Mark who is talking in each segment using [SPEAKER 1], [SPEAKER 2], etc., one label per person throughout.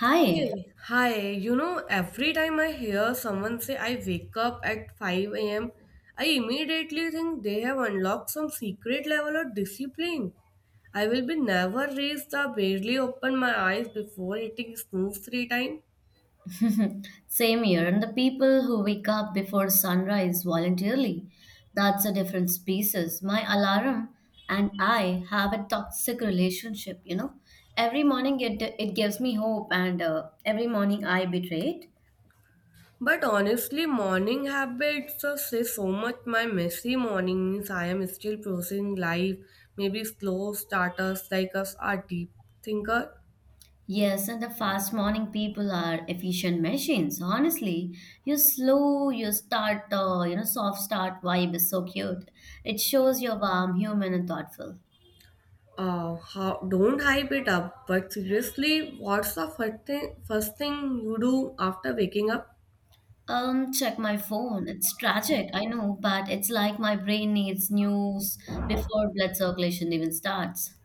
[SPEAKER 1] Hi,
[SPEAKER 2] Hey, hi. You know, every time I hear someone say I wake up at 5 a.m., I immediately think they have unlocked some secret level of discipline. I will be never raised the barely open my eyes before hitting snooze three times.
[SPEAKER 1] same here. And the people who wake up before sunrise voluntarily, that's a different species. My alarm and I have a toxic relationship, you know. Every morning it gives me hope, and every morning I betray it.
[SPEAKER 2] But honestly, morning habits just say so much. My messy morning means I am still processing life. Maybe slow starters like us are deep thinker.
[SPEAKER 1] Yes, and the fast morning people are efficient machines. Honestly, you slow, you start, soft start vibe is so cute. It shows you're warm, human, and thoughtful.
[SPEAKER 2] Don't hype it up, but seriously, what's the first thing you do after waking up?
[SPEAKER 1] Check my phone. It's tragic, I know, but it's like my brain needs news before blood circulation even starts.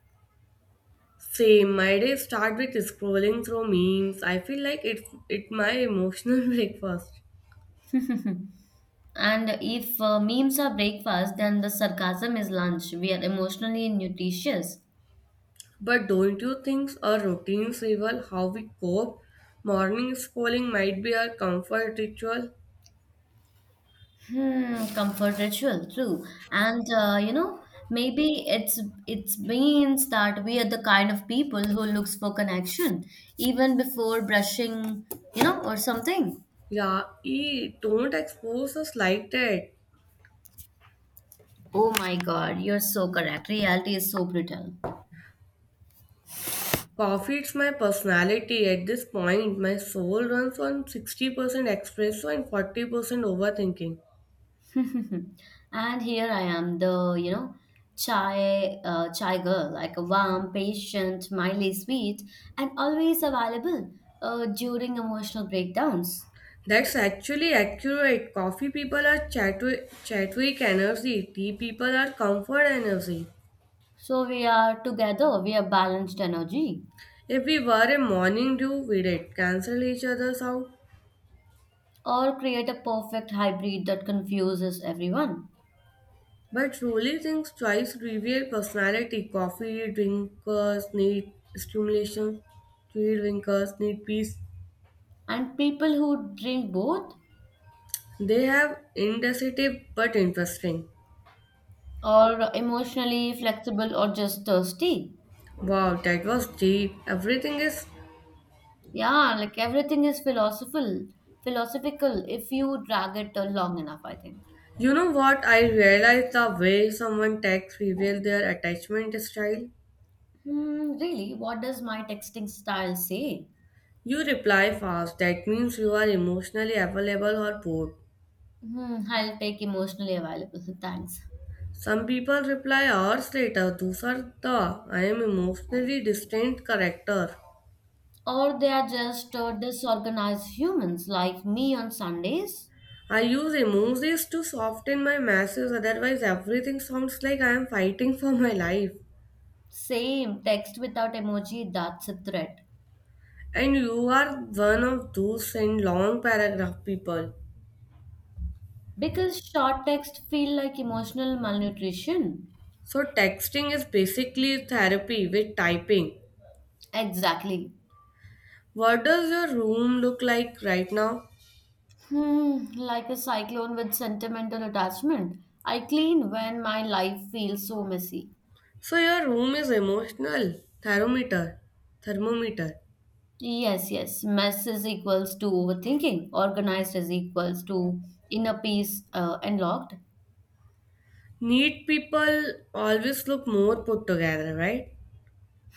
[SPEAKER 2] Same, my day start with scrolling through memes. I feel like it's it my emotional breakfast.
[SPEAKER 1] And if memes are breakfast, then the sarcasm is lunch. We are emotionally nutritious.
[SPEAKER 2] But don't you think our routines reveal how we cope? Morning scrolling might be our comfort ritual.
[SPEAKER 1] Hmm, comfort ritual, true. And maybe it's means that we are the kind of people who looks for connection even before brushing, you know, or something.
[SPEAKER 2] Yeah, e don't expose us like that.
[SPEAKER 1] Oh my God, you're so correct. Reality is so brutal.
[SPEAKER 2] Coffee, it's my personality. At this point, my soul runs on 60% espresso and 40% overthinking.
[SPEAKER 1] And here I am, the chai chai girl, like a warm, patient, mildly sweet, and always available during emotional breakdowns.
[SPEAKER 2] That's actually accurate. Coffee people are Chatwick energy, tea people are comfort energy.
[SPEAKER 1] So we are together. We are balanced energy,
[SPEAKER 2] If we were a morning dew, we'd it cancel each other's out.
[SPEAKER 1] or create a perfect hybrid that confuses everyone.
[SPEAKER 2] But truly, things twice reveal personality. Coffee drinkers need stimulation, tea drinkers need peace.
[SPEAKER 1] And people who drink both
[SPEAKER 2] They have indecisive but interesting.
[SPEAKER 1] are emotionally flexible, or just thirsty.
[SPEAKER 2] Wow, that was deep. Everything is.
[SPEAKER 1] Yeah, like everything is philosophical if you drag it long enough, I think.
[SPEAKER 2] You know what? I realized the way someone texts reveals their attachment style.
[SPEAKER 1] Hmm, really? What does my texting style say?
[SPEAKER 2] You reply fast. That means you are emotionally available or bored.
[SPEAKER 1] Hmm, I'll take emotionally available, thanks.
[SPEAKER 2] Some people reply hours later. Those are the I am emotionally distant character.
[SPEAKER 1] Or they are just disorganized humans like me on Sundays?
[SPEAKER 2] I use emojis to soften my message. Otherwise, everything sounds like I am fighting for my life.
[SPEAKER 1] Same, text without emoji, that's a threat.
[SPEAKER 2] And you are one of those send long paragraph people.
[SPEAKER 1] Because short text feel like emotional malnutrition.
[SPEAKER 2] So texting is basically therapy with typing.
[SPEAKER 1] Exactly.
[SPEAKER 2] What does your room look like right now?
[SPEAKER 1] Hmm, like a cyclone with sentimental attachment. I clean when my life feels so messy.
[SPEAKER 2] So your room is emotional thermometer, thermometer.
[SPEAKER 1] Yes, yes. Mess is equals to overthinking. Organized is equals to inner peace and locked.
[SPEAKER 2] Neat people always look more put together, right?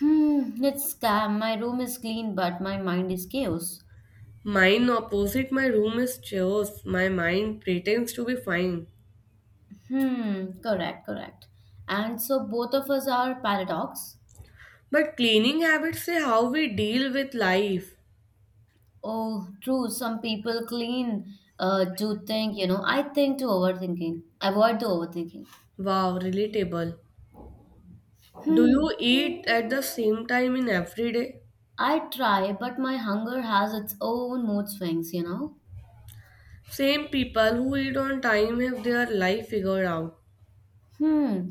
[SPEAKER 1] Hmm, let's calm. My room is clean, but my mind is chaos.
[SPEAKER 2] Mine opposite my room is chaos. My mind pretends to be fine.
[SPEAKER 1] Hmm, correct, correct. And so both of us are paradox.
[SPEAKER 2] But cleaning habits say how we deal with life.
[SPEAKER 1] Oh, true. Some people clean to think, you know, I think to overthinking, avoid the overthinking.
[SPEAKER 2] Wow, relatable. Do
[SPEAKER 1] Hmm.
[SPEAKER 2] you eat at the same time in every day?
[SPEAKER 1] I try, but my hunger has its own mood swings, you know.
[SPEAKER 2] Same people who eat on time have their life figured out.
[SPEAKER 1] Hmm.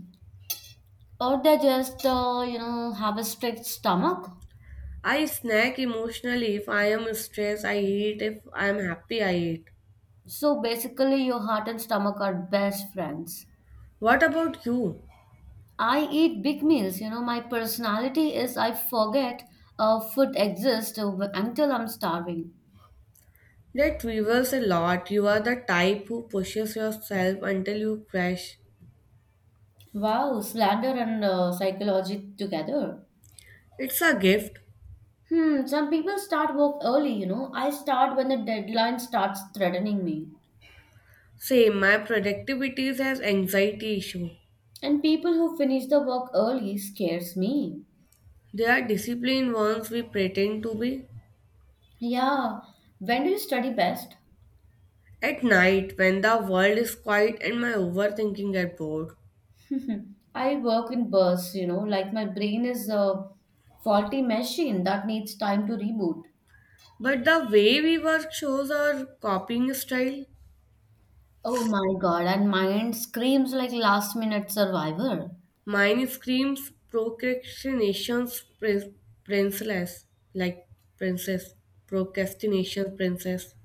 [SPEAKER 1] Or they just, have a strict stomach.
[SPEAKER 2] I snack emotionally if I am stressed, I eat. If I am happy, I eat.
[SPEAKER 1] So basically, your heart and stomach are best friends.
[SPEAKER 2] What about you?
[SPEAKER 1] I eat big meals, you know. My personality is I forget food exists until I'm starving.
[SPEAKER 2] That reveals a lot. You are the type who pushes yourself until you crash.
[SPEAKER 1] Wow, slander and psychology together.
[SPEAKER 2] It's a gift.
[SPEAKER 1] Hmm, some people start work early, you know. I start when the deadline starts threatening me.
[SPEAKER 2] Same, my productivity has anxiety issue.
[SPEAKER 1] And people who finish the work early scares me.
[SPEAKER 2] They are disciplined ones we pretend to be.
[SPEAKER 1] Yeah, when do you study best?
[SPEAKER 2] At night, when the world is quiet and my overthinking get bored.
[SPEAKER 1] I work in bursts, you know, like my brain is a faulty machine that needs time to reboot.
[SPEAKER 2] But the way we work shows our copying style.
[SPEAKER 1] Oh my God, and mine screams like last minute survivor.
[SPEAKER 2] Mine screams princess, like princess, procrastination princess.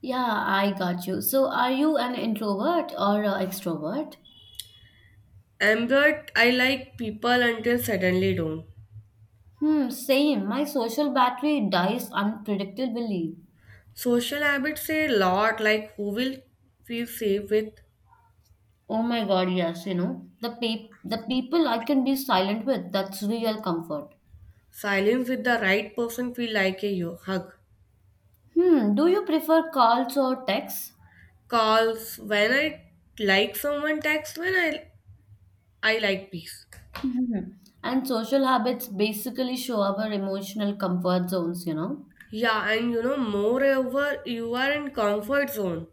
[SPEAKER 1] Yeah, I got you. So, are you an introvert or a extrovert?
[SPEAKER 2] Ambert, I like people until suddenly don't.
[SPEAKER 1] Hmm, same. My social battery dies unpredictably.
[SPEAKER 2] Social habits say a lot, like who will feel safe with.
[SPEAKER 1] Oh my God, yes, you know, the people I can be silent with, that's real comfort.
[SPEAKER 2] Silence with the right person feel like a hug.
[SPEAKER 1] Hmm, do you prefer calls or texts?
[SPEAKER 2] Calls when I like someone, text when I like peace.
[SPEAKER 1] Hmm. And social habits basically show our emotional comfort zones, you know.
[SPEAKER 2] Yeah, and you know, moreover, you are in comfort zone.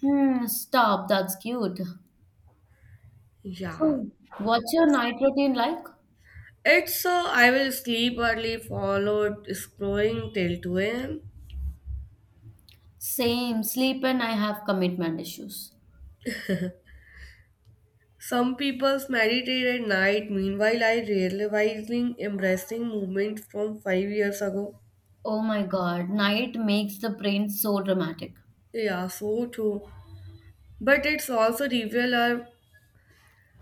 [SPEAKER 1] Hmm, stop, that's cute.
[SPEAKER 2] Yeah.
[SPEAKER 1] So, what's your night routine like?
[SPEAKER 2] It's I will sleep early, followed scrolling till 2 a.m.
[SPEAKER 1] Same, sleep and I have commitment issues.
[SPEAKER 2] Some people meditate at night. Meanwhile, I realizing embracing movement from 5 years ago.
[SPEAKER 1] Oh my God, night makes the brain so dramatic.
[SPEAKER 2] Yeah, so true. But it's also reveal our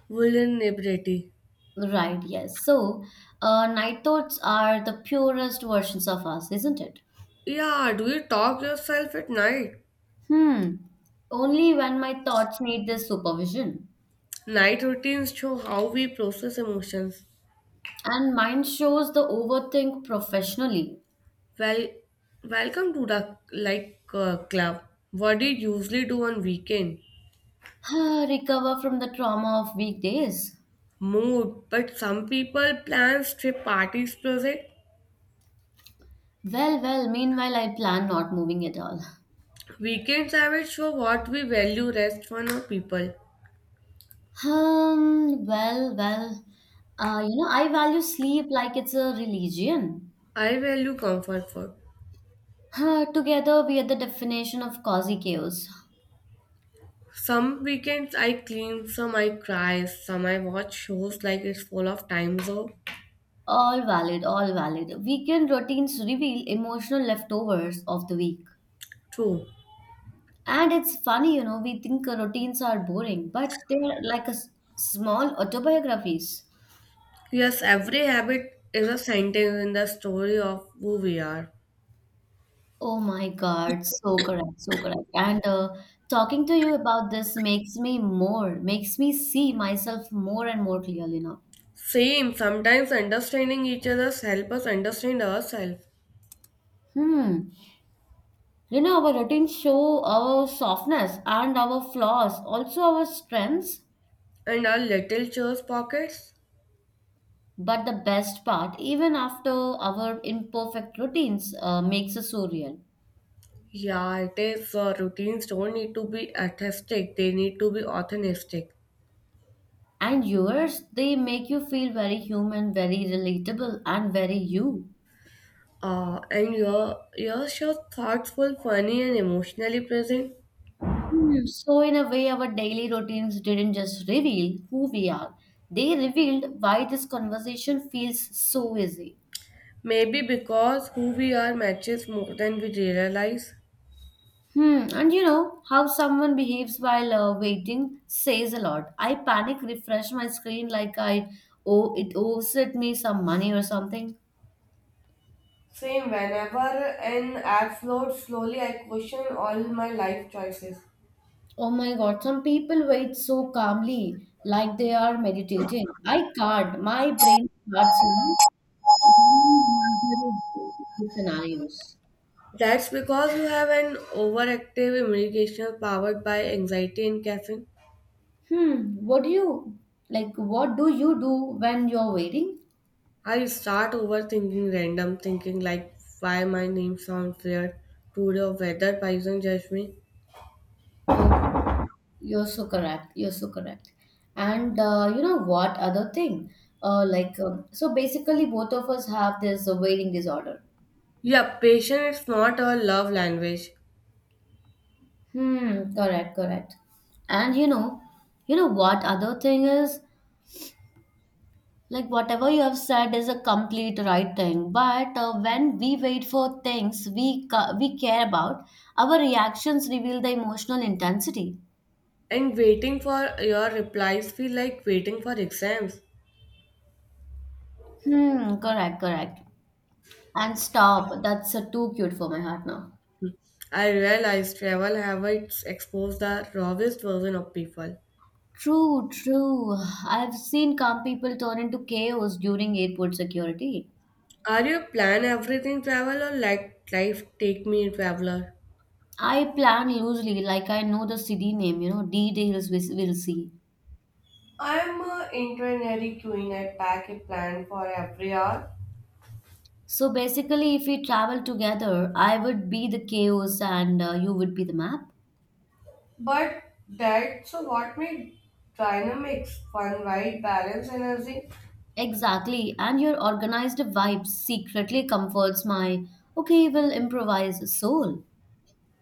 [SPEAKER 2] vulnerability.
[SPEAKER 1] Right, yes. So, night thoughts are the purest versions of us, isn't it?
[SPEAKER 2] Yeah, do you talk yourself at night?
[SPEAKER 1] Hmm. Only when my thoughts need this supervision.
[SPEAKER 2] Night routines show how we process emotions.
[SPEAKER 1] And mine shows the overthink professionally.
[SPEAKER 2] Well, welcome to the like club. What do you usually do on weekend?
[SPEAKER 1] Ah, recover from the trauma of weekdays.
[SPEAKER 2] Mood, but some people plan trip parties project.
[SPEAKER 1] Well, well, meanwhile, I plan not moving at all.
[SPEAKER 2] Weekends I will show what we value rest for our people.
[SPEAKER 1] Well, well, you know, I value sleep like it's a religion.
[SPEAKER 2] I value comfort food.
[SPEAKER 1] Huh, together, we are the definition of cozy chaos.
[SPEAKER 2] Some weekends I clean, some I cry, some I watch shows like it's full of time zone.
[SPEAKER 1] All valid, all valid. Weekend routines reveal emotional leftovers of the week.
[SPEAKER 2] True.
[SPEAKER 1] And it's funny, you know, we think routines are boring, but they're like small autobiographies.
[SPEAKER 2] Yes, every habit is a sentence in the story of who we are.
[SPEAKER 1] Oh my God, so correct, so correct. And talking to you about this makes me more, makes me see myself more and more clearly now.
[SPEAKER 2] Same, sometimes understanding each other's help us understand ourselves
[SPEAKER 1] Hmm. You know, our routines show our softness and our flaws, also our strengths.
[SPEAKER 2] and our little chores pockets.
[SPEAKER 1] But the best part, even after our imperfect routines, makes us so real.
[SPEAKER 2] Yeah, it is. Routines don't need to be artistic; they need to be authentic.
[SPEAKER 1] And yours, they make you feel very human, very relatable, and very you.
[SPEAKER 2] And you're sure thoughtful, funny, and emotionally present.
[SPEAKER 1] Hmm, so, in a way, our daily routines didn't just reveal who we are, they revealed why this conversation feels so easy.
[SPEAKER 2] Maybe because who we are matches more than we realize.
[SPEAKER 1] Hmm, and you know how someone behaves while waiting says a lot. I panic, refresh my screen like I owes it me some money or something.
[SPEAKER 2] Same. Whenever an app flowed slowly, I question all my life choices.
[SPEAKER 1] Oh my God, some people wait so calmly, like they are meditating. I can't. My brain starts, you know, imagining scenarios.
[SPEAKER 2] That's because you have an overactive imagination powered by anxiety and caffeine.
[SPEAKER 1] Hmm. What do you like? What do you do when you're waiting?
[SPEAKER 2] I start overthinking random thinking like why my name sounds weird today or whether person judge me.
[SPEAKER 1] Oh, you're so correct. You're so correct. And you know what? Other thing, so basically, both of us have this waiting disorder.
[SPEAKER 2] Yeah, patience is not a love language.
[SPEAKER 1] Hmm. Correct. Correct. And you know what other thing is? Like whatever you have said is a complete right thing, but when we wait for things we care about, our reactions reveal the emotional intensity.
[SPEAKER 2] And waiting for your replies feel like waiting for exams.
[SPEAKER 1] Hmm, correct, correct. And stop. That's too cute for my heart now.
[SPEAKER 2] I realize travel habits expose the rawest version of people.
[SPEAKER 1] True, true. I've seen calm people turn into chaos during airport security.
[SPEAKER 2] Are you plan everything travel or let life take me traveler?
[SPEAKER 1] I plan loosely, like I know the city name, you know, details we will see.
[SPEAKER 2] I'm a internary queen. I pack a plan for every hour.
[SPEAKER 1] So basically, if we travel together, I would be the chaos and you would be the map.
[SPEAKER 2] But that's what made dynamics fun, right? Balance energy.
[SPEAKER 1] Exactly. And your organized vibe secretly comforts my, okay, we'll improvise soul.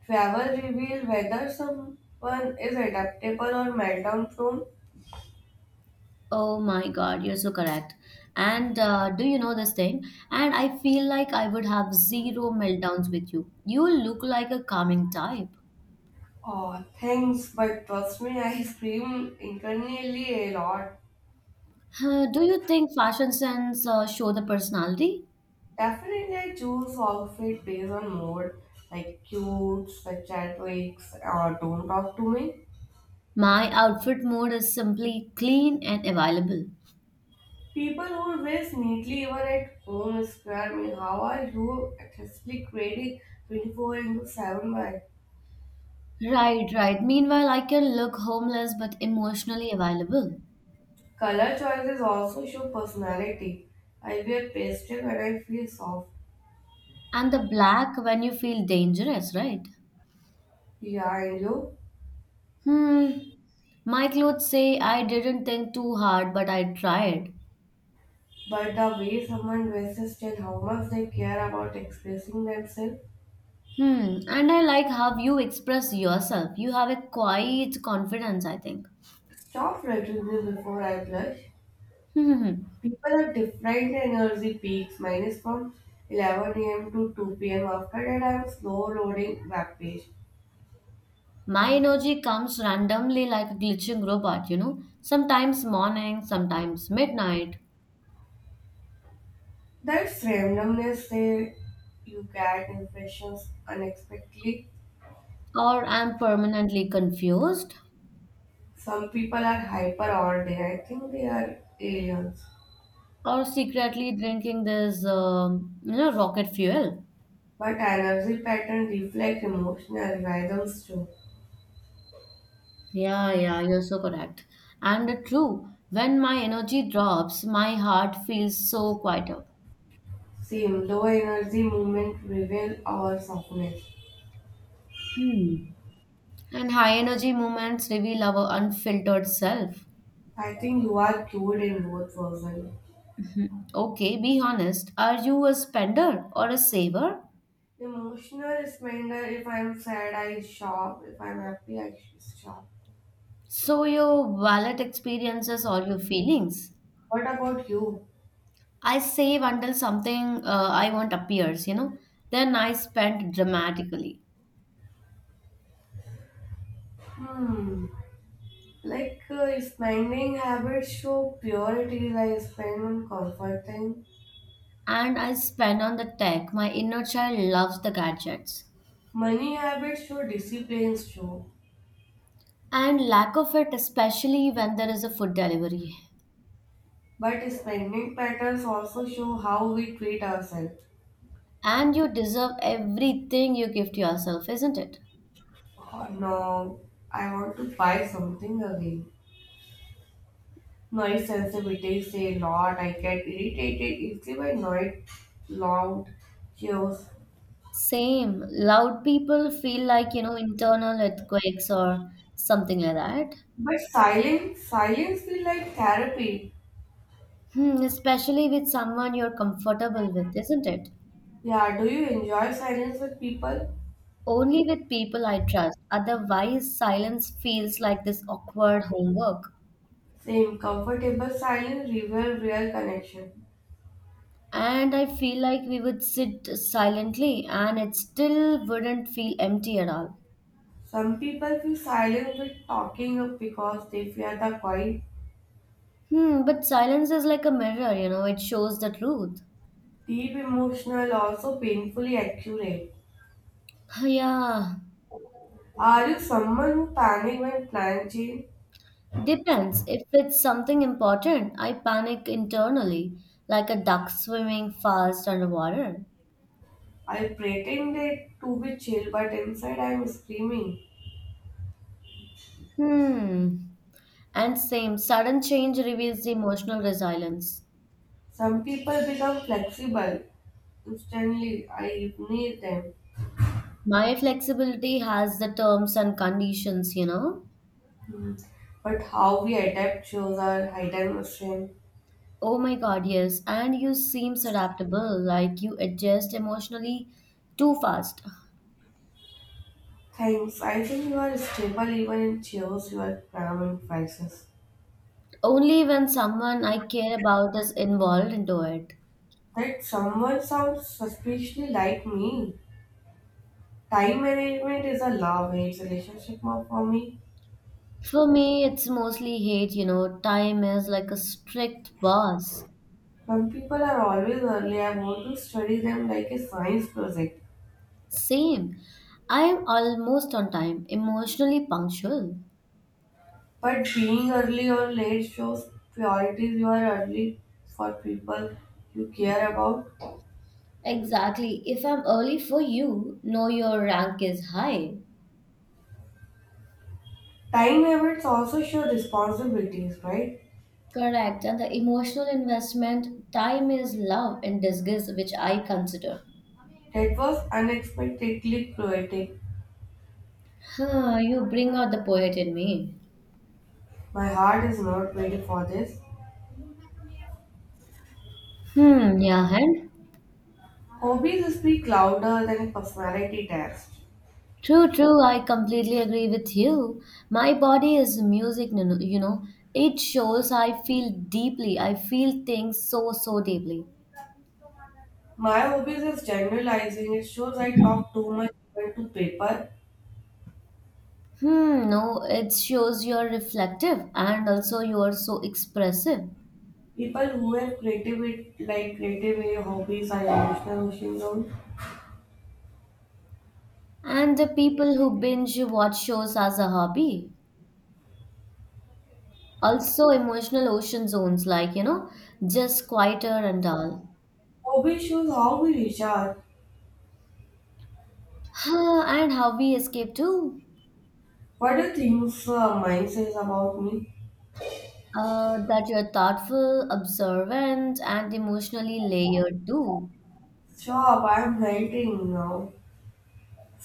[SPEAKER 2] Travel reveal whether someone is adaptable or meltdown prone.
[SPEAKER 1] Oh my God, you're so correct. And do you know this thing? And I feel like I would have zero meltdowns with you. You look like a calming type.
[SPEAKER 2] Oh, thanks, but trust me, I scream internally a lot.
[SPEAKER 1] Huh, do you think fashion sense show the personality?
[SPEAKER 2] Definitely, I choose outfit based on mood, like cute, such at wigs, or don't talk to me.
[SPEAKER 1] My outfit mode is simply clean and available.
[SPEAKER 2] People who dress neatly even at home square me. How are you artistically creating 24 into 7 by?
[SPEAKER 1] Right, right. Meanwhile, I can look homeless but emotionally available.
[SPEAKER 2] Color choices also show personality. I wear pastel when I feel soft.
[SPEAKER 1] And the black when you feel dangerous, right?
[SPEAKER 2] Yeah, I know.
[SPEAKER 1] Hmm. My clothes say I didn't think too hard, but I tried.
[SPEAKER 2] But the way someone dresses tell how much they care about expressing themselves.
[SPEAKER 1] Hmm. And I like how you express yourself. You have a quiet confidence, I think.
[SPEAKER 2] Stop writing me before I blush.
[SPEAKER 1] Hmm.
[SPEAKER 2] People have different energy peaks. Mine is from 11 a.m. to 2 p.m. After that, I'm slow loading web page.
[SPEAKER 1] My energy comes randomly like a glitching robot, you know? Sometimes morning, sometimes midnight.
[SPEAKER 2] That's randomness there. You get impressions unexpectedly.
[SPEAKER 1] Or I'm permanently confused.
[SPEAKER 2] Some people are hyper all day. I think they are aliens.
[SPEAKER 1] Or secretly drinking this rocket fuel.
[SPEAKER 2] But energy patterns reflect emotional rhythms too.
[SPEAKER 1] Yeah, yeah, you're so correct. And true, when my energy drops my heart feels so quieter.
[SPEAKER 2] Same low energy movement reveal our softness.
[SPEAKER 1] Hmm. And high energy moments reveal our unfiltered self.
[SPEAKER 2] I think you are cured in both versions.
[SPEAKER 1] Mhm. Okay, be honest, are you a spender or a saver?
[SPEAKER 2] Emotional spender, if I'm sad, I shop. If I'm happy, I shop.
[SPEAKER 1] So your wallet experiences all your feelings.
[SPEAKER 2] What about you?
[SPEAKER 1] I save until something I want appears, you know, then I spend dramatically.
[SPEAKER 2] Hmm. Like spending habits show purity, like spend on comfort thing.
[SPEAKER 1] And I spend on the tech. My inner child loves the gadgets.
[SPEAKER 2] Money habits show disciplines show.
[SPEAKER 1] And lack of it, especially when there is a food delivery.
[SPEAKER 2] But spending patterns also show how we treat ourselves.
[SPEAKER 1] And you deserve everything you give to yourself, isn't it?
[SPEAKER 2] Oh no, I want to buy something again. Noise sensitivity say a lot. I get irritated easily by noise, loud cheers.
[SPEAKER 1] Same. Loud people feel like, you know, internal earthquakes or something like that.
[SPEAKER 2] But silence, silence feel like therapy.
[SPEAKER 1] Hmm, especially with someone you're comfortable with, isn't it?
[SPEAKER 2] Yeah, do you enjoy silence with people?
[SPEAKER 1] Only with people I trust. Otherwise, silence feels like this awkward homework.
[SPEAKER 2] Same, comfortable silence reveal real connection.
[SPEAKER 1] And I feel like we would sit silently and it still wouldn't feel empty at all.
[SPEAKER 2] Some people feel silent with talking because they fear the quiet,
[SPEAKER 1] Hmm, but silence is like a mirror, you know, it shows the truth.
[SPEAKER 2] deep emotional, also painfully accurate.
[SPEAKER 1] Yeah,
[SPEAKER 2] Are you someone who panic when plans change?
[SPEAKER 1] depends. If it's something important, I panic internally, like a duck swimming fast underwater.
[SPEAKER 2] I pretend it to be chill, but inside I am screaming.
[SPEAKER 1] Hmm. And same, sudden change reveals the emotional resilience.
[SPEAKER 2] Some people become flexible instantly. I need them,
[SPEAKER 1] My flexibility has the terms and conditions, you know?
[SPEAKER 2] but how we adapt shows our hidden strength.
[SPEAKER 1] Oh my God, yes. And you seems adaptable, like you adjust emotionally too fast.
[SPEAKER 2] Thanks. I think you are stable even in chaos, you are calm in crisis.
[SPEAKER 1] Only when someone I care about is involved into it.
[SPEAKER 2] That someone sounds suspiciously like me. Time management is a love hate relationship for me.
[SPEAKER 1] For me, it's mostly hate, you know. Time is like a strict boss.
[SPEAKER 2] Some people are always early. I want to study them like a science project.
[SPEAKER 1] Same. I am almost on time, emotionally punctual.
[SPEAKER 2] But being early or late shows priorities you are early for people you care about.
[SPEAKER 1] Exactly. If I'm early for you, know your rank is high.
[SPEAKER 2] Time habits also show responsibilities, right?
[SPEAKER 1] Correct. And the emotional investment, time is love in disguise, which I consider.
[SPEAKER 2] That was unexpectedly poetic.
[SPEAKER 1] Huh, you bring out the poet in me.
[SPEAKER 2] My heart is not ready for this.
[SPEAKER 1] Hmm, yeah, and
[SPEAKER 2] Hobbies speak louder than personality test.
[SPEAKER 1] true, true, I completely agree with you. My body is music, you know. It shows I feel deeply. I feel things so, so deeply.
[SPEAKER 2] My hobbies is generalizing. It shows I talk too much even to paper.
[SPEAKER 1] Hmm, no, it shows you're reflective and also you are so expressive.
[SPEAKER 2] People who have creative hobbies are emotional machines on.
[SPEAKER 1] And the people who binge watch shows as a hobby. Also, emotional ocean zones, like, you know, just quieter and dull.
[SPEAKER 2] Hobby shows how we recharge.
[SPEAKER 1] Huh, and how we escape too.
[SPEAKER 2] What do you think mine says about me?
[SPEAKER 1] That you're thoughtful, observant, and emotionally layered too.
[SPEAKER 2] Shop, I'm writing now.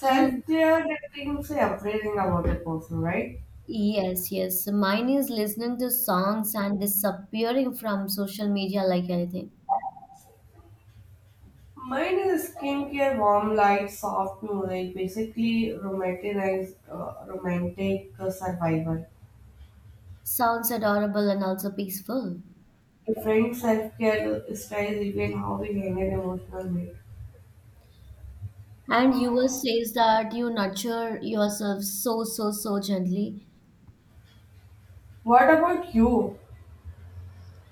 [SPEAKER 1] Hmm.
[SPEAKER 2] that things say everything about a person, right?
[SPEAKER 1] Yes, yes. Mine is listening to songs and disappearing from social media like anything.
[SPEAKER 2] Mine is skincare, warm light, soft music, basically romantic survival.
[SPEAKER 1] Sounds adorable and also peaceful.
[SPEAKER 2] Different self-care styles, even how we handle emotional weight.
[SPEAKER 1] And yours says that you nurture yourself so, so, so gently.
[SPEAKER 2] What about you?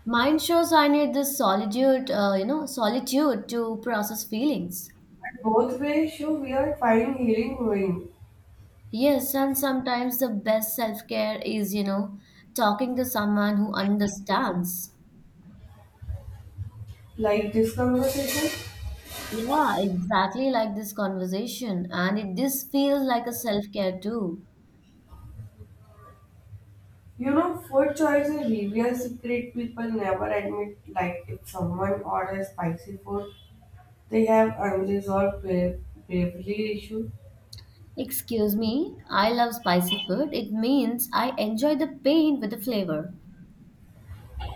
[SPEAKER 1] Mine shows I need this solitude, solitude to process feelings.
[SPEAKER 2] Both ways, you we are finding healing going.
[SPEAKER 1] Yes, and sometimes the best self care is, you know, talking to someone who understands.
[SPEAKER 2] Like this conversation,
[SPEAKER 1] Yeah, exactly like this conversation. And it this feels like a self care too.
[SPEAKER 2] you know, food choice is reveal secret. People never admit. Like if someone orders spicy food, they have unresolved bravery issue.
[SPEAKER 1] Excuse me, I love spicy food. It means I enjoy the pain with the flavor.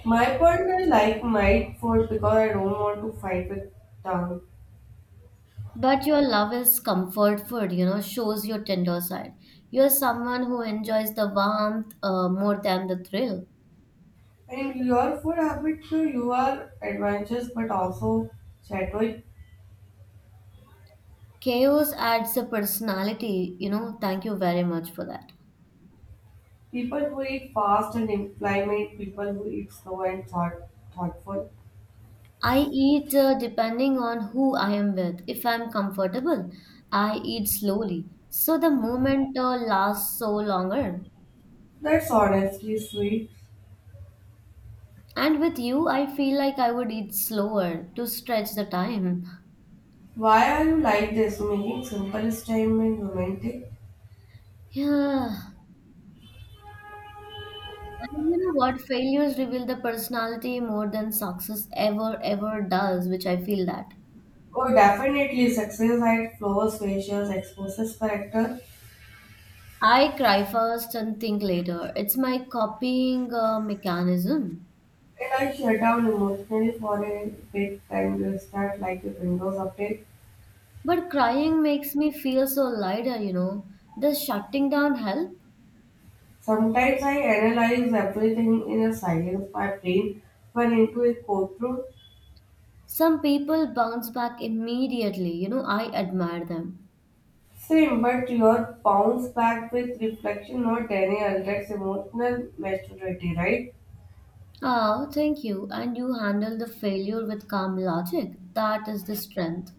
[SPEAKER 2] My partner like my food because I don't want to fight with tongue.
[SPEAKER 1] But your love is comfort food, you know, shows your tender side. You're someone who enjoys the warmth more than the thrill.
[SPEAKER 2] And your food habit too, you are adventurous but also chaotic.
[SPEAKER 1] Chaos adds a personality, you know. Thank you very much for that.
[SPEAKER 2] People who eat fast and implement people who eat slow and thoughtful.
[SPEAKER 1] I eat depending on who I am with. If I'm comfortable, I eat slowly. So the moment lasts so longer.
[SPEAKER 2] That's honestly sweet.
[SPEAKER 1] And with you, I feel like I would eat slower to stretch the time.
[SPEAKER 2] Why are you like this? Making simple is time and romantic.
[SPEAKER 1] Yeah. And you know what? Failures reveal the personality more than success ever does, which I feel that.
[SPEAKER 2] Oh, definitely success at flows, facials, exposes character.
[SPEAKER 1] I cry first and think later. It's my copying mechanism.
[SPEAKER 2] And I shut down emotionally for a big time. You start like a Windows update.
[SPEAKER 1] But crying makes me feel so lighter, you know. Does shutting down help?
[SPEAKER 2] Sometimes I analyze everything in a silence. My brain went into a courtroom.
[SPEAKER 1] Some people bounce back immediately, you know. I admire them.
[SPEAKER 2] Same, but your bounce back with reflection, not denial. That's emotional maturity, right?
[SPEAKER 1] Oh, thank you. And you handle the failure with calm logic. That is the strength.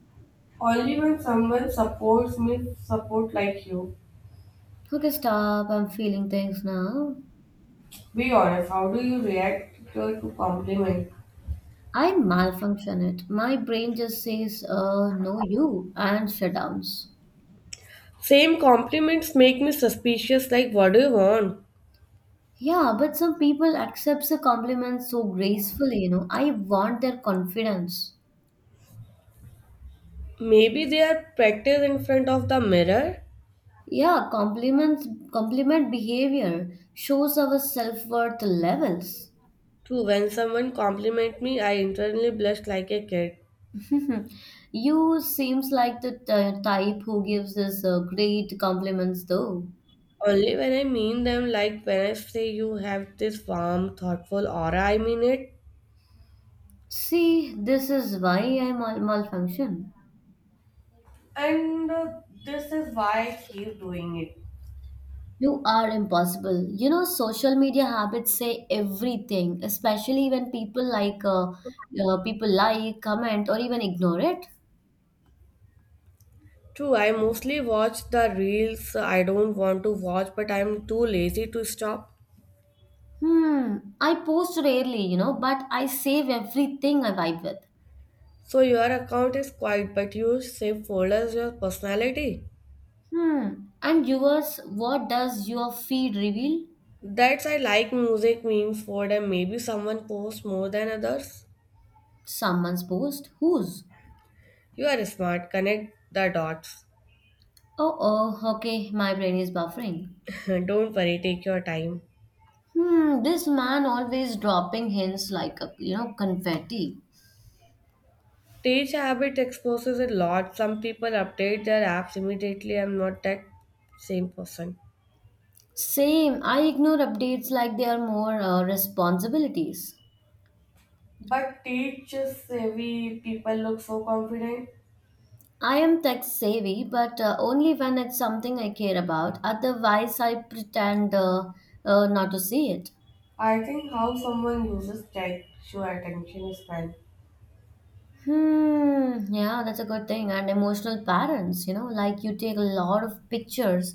[SPEAKER 2] Only when someone supports me, support like you.
[SPEAKER 1] Okay, stop. I'm feeling things now.
[SPEAKER 2] Be honest. How do you react to compliment?
[SPEAKER 1] I malfunction it. My brain just says, no, you, and shutdowns.
[SPEAKER 2] Same compliments make me suspicious like what do you want?
[SPEAKER 1] Yeah, but some people accept the compliments so gracefully, you know. I want their confidence.
[SPEAKER 2] Maybe they are practiced in front of the mirror.
[SPEAKER 1] Yeah, compliment behavior shows our self-worth levels.
[SPEAKER 2] True, when someone compliment me, I internally blush like a kid.
[SPEAKER 1] You seems like the type who gives us great compliments though.
[SPEAKER 2] Only when I mean them, like when I say you have this warm, thoughtful aura, I mean it.
[SPEAKER 1] See, this is why I malfunction.
[SPEAKER 2] And this is why I keep doing it.
[SPEAKER 1] You are impossible. You know, social media habits say everything, especially when people like, comment, or even ignore it.
[SPEAKER 2] True, I mostly watch the reels I don't want to watch, but I'm too lazy to stop.
[SPEAKER 1] Hmm, I post rarely, you know, but I save everything I vibe with.
[SPEAKER 2] So your account is quiet, but you save folders your personality.
[SPEAKER 1] Hmm. And yours, what does your feed reveal?
[SPEAKER 2] That's I like music memes folder. And maybe someone posts more than others.
[SPEAKER 1] Someone's post? Whose?
[SPEAKER 2] You are smart. Connect the dots.
[SPEAKER 1] Oh, oh, okay, my brain is buffering.
[SPEAKER 2] Don't worry. Take your time.
[SPEAKER 1] Hmm, this man always dropping hints like, you know, confetti.
[SPEAKER 2] Page habit exposes a lot. Some people update their apps immediately. I'm not that same person.
[SPEAKER 1] Same, I ignore updates like they are more responsibilities.
[SPEAKER 2] But teach savvy people look so confident.
[SPEAKER 1] I am tech savvy, but only when it's something I care about. Otherwise, I pretend not to see it.
[SPEAKER 2] I think how someone uses tech your attention span. Fine.
[SPEAKER 1] Hmm, yeah, that's a good thing. And emotional parents, you know, like you take a lot of pictures,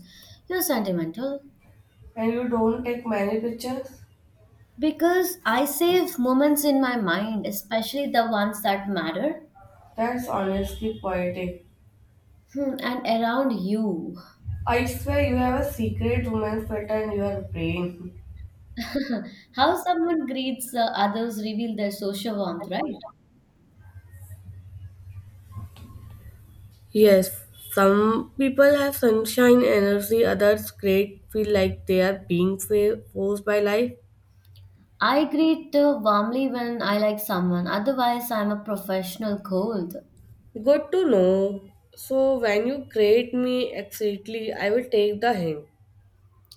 [SPEAKER 1] you're sentimental.
[SPEAKER 2] And you don't take many pictures?
[SPEAKER 1] Because I save moments in my mind, especially the ones that matter.
[SPEAKER 2] That's honestly poetic.
[SPEAKER 1] Hmm, and around you.
[SPEAKER 2] I swear you have a secret woman filter in your brain.
[SPEAKER 1] How someone greets others reveal their social warmth, right?
[SPEAKER 2] Yes, some people have sunshine energy, others great feel like they are being forced by life.
[SPEAKER 1] I greet warmly when I like someone. Otherwise, I'm a professional cold.
[SPEAKER 2] Good to know. So when you create me exactly, I will take the hint.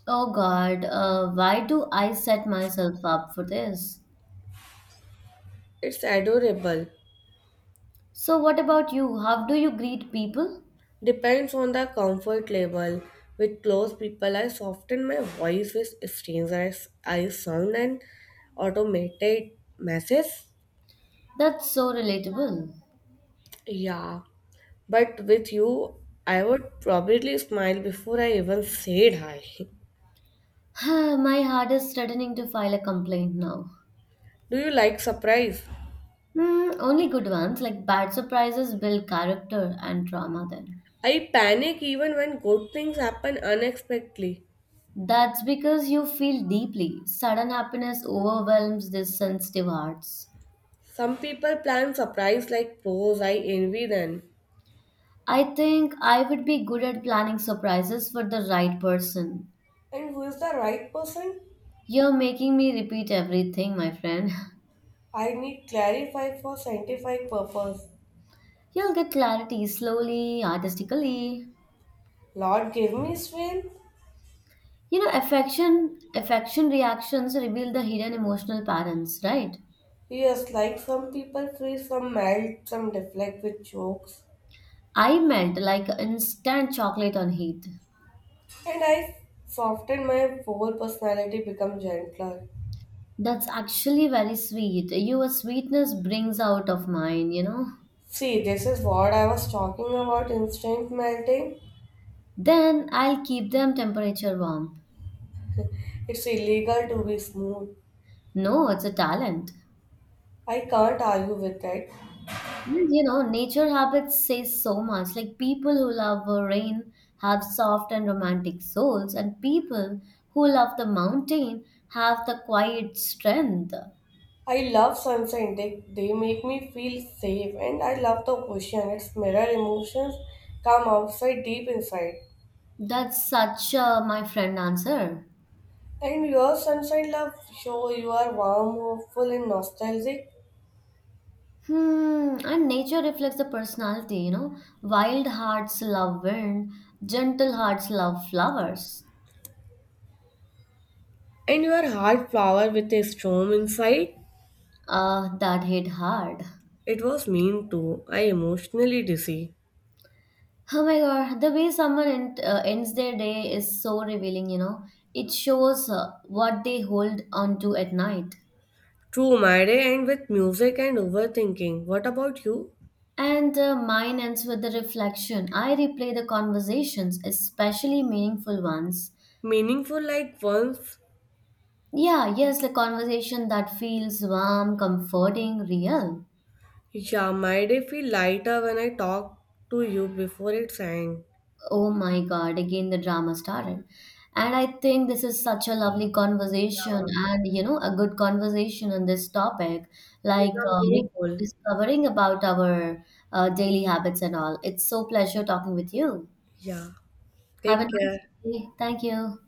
[SPEAKER 1] Oh God, why do I set myself up for this?
[SPEAKER 2] It's adorable.
[SPEAKER 1] So, what about you? How do you greet people?
[SPEAKER 2] Depends on the comfort level. With close people, I soften my voice. With strangers, I sound an automated message.
[SPEAKER 1] That's so relatable.
[SPEAKER 2] Yeah, but with you, I would probably smile before I even said hi.
[SPEAKER 1] My heart is threatening to file a complaint now.
[SPEAKER 2] Do you like surprise?
[SPEAKER 1] Hmm, only good ones, like bad surprises, build character and trauma then.
[SPEAKER 2] I panic even when good things happen unexpectedly.
[SPEAKER 1] That's because you feel deeply. Sudden happiness overwhelms these sensitive hearts.
[SPEAKER 2] Some people plan surprise like pros, I envy them.
[SPEAKER 1] I think I would be good at planning surprises for the right person.
[SPEAKER 2] And who is the right person?
[SPEAKER 1] You're making me repeat everything, my friend.
[SPEAKER 2] I need clarify for scientific purpose.
[SPEAKER 1] You'll get clarity slowly, artistically.
[SPEAKER 2] Lord give me strength.
[SPEAKER 1] You know, affection reactions reveal the hidden emotional patterns, right?
[SPEAKER 2] Yes, like some people freeze, some melt, some deflect with jokes.
[SPEAKER 1] I meant like instant chocolate on heat.
[SPEAKER 2] And I soften my whole personality become gentler.
[SPEAKER 1] That's actually very sweet. Your sweetness brings out of mine, you know.
[SPEAKER 2] See, this is what I was talking about instant melting.
[SPEAKER 1] Then I'll keep them temperature warm.
[SPEAKER 2] It's illegal to be smooth.
[SPEAKER 1] No, it's a talent.
[SPEAKER 2] I can't argue with that.
[SPEAKER 1] And, you know, nature habits say so much. Like people who love rain have soft and romantic souls, and people who love the mountain have the quiet strength.
[SPEAKER 2] I love sunshine. They make me feel safe and I love the ocean. Its mirror emotions come outside deep inside.
[SPEAKER 1] That's such a my friend answer.
[SPEAKER 2] And your sunshine love show you are warm, hopeful and nostalgic.
[SPEAKER 1] Hmm, and nature reflects the personality, you know. Wild hearts love wind, gentle hearts love flowers.
[SPEAKER 2] And your heart flower with a storm inside.
[SPEAKER 1] Ah, that hit hard.
[SPEAKER 2] It was mean too. I emotionally dizzy.
[SPEAKER 1] Oh my god, the way someone ends their day is so revealing, you know. It shows what they hold onto at night.
[SPEAKER 2] True, my day end with music and overthinking. What about you?
[SPEAKER 1] And mine ends with the reflection. I replay the conversations, especially meaningful ones.
[SPEAKER 2] Meaningful like once?
[SPEAKER 1] Yeah, yes, a conversation that feels warm, comforting, real.
[SPEAKER 2] Yeah, my day feel lighter when I talk to you before it's end.
[SPEAKER 1] Oh my God, again the drama started. And I think this is such a lovely conversation
[SPEAKER 2] Yeah.
[SPEAKER 1] and, you know, a good conversation on this topic,
[SPEAKER 2] These
[SPEAKER 1] like
[SPEAKER 2] are meaningful.
[SPEAKER 1] discovering about our daily habits and all. It's so pleasure talking with you.
[SPEAKER 2] Yeah.
[SPEAKER 1] Have a
[SPEAKER 2] Take
[SPEAKER 1] nice
[SPEAKER 2] care.
[SPEAKER 1] day. Thank you.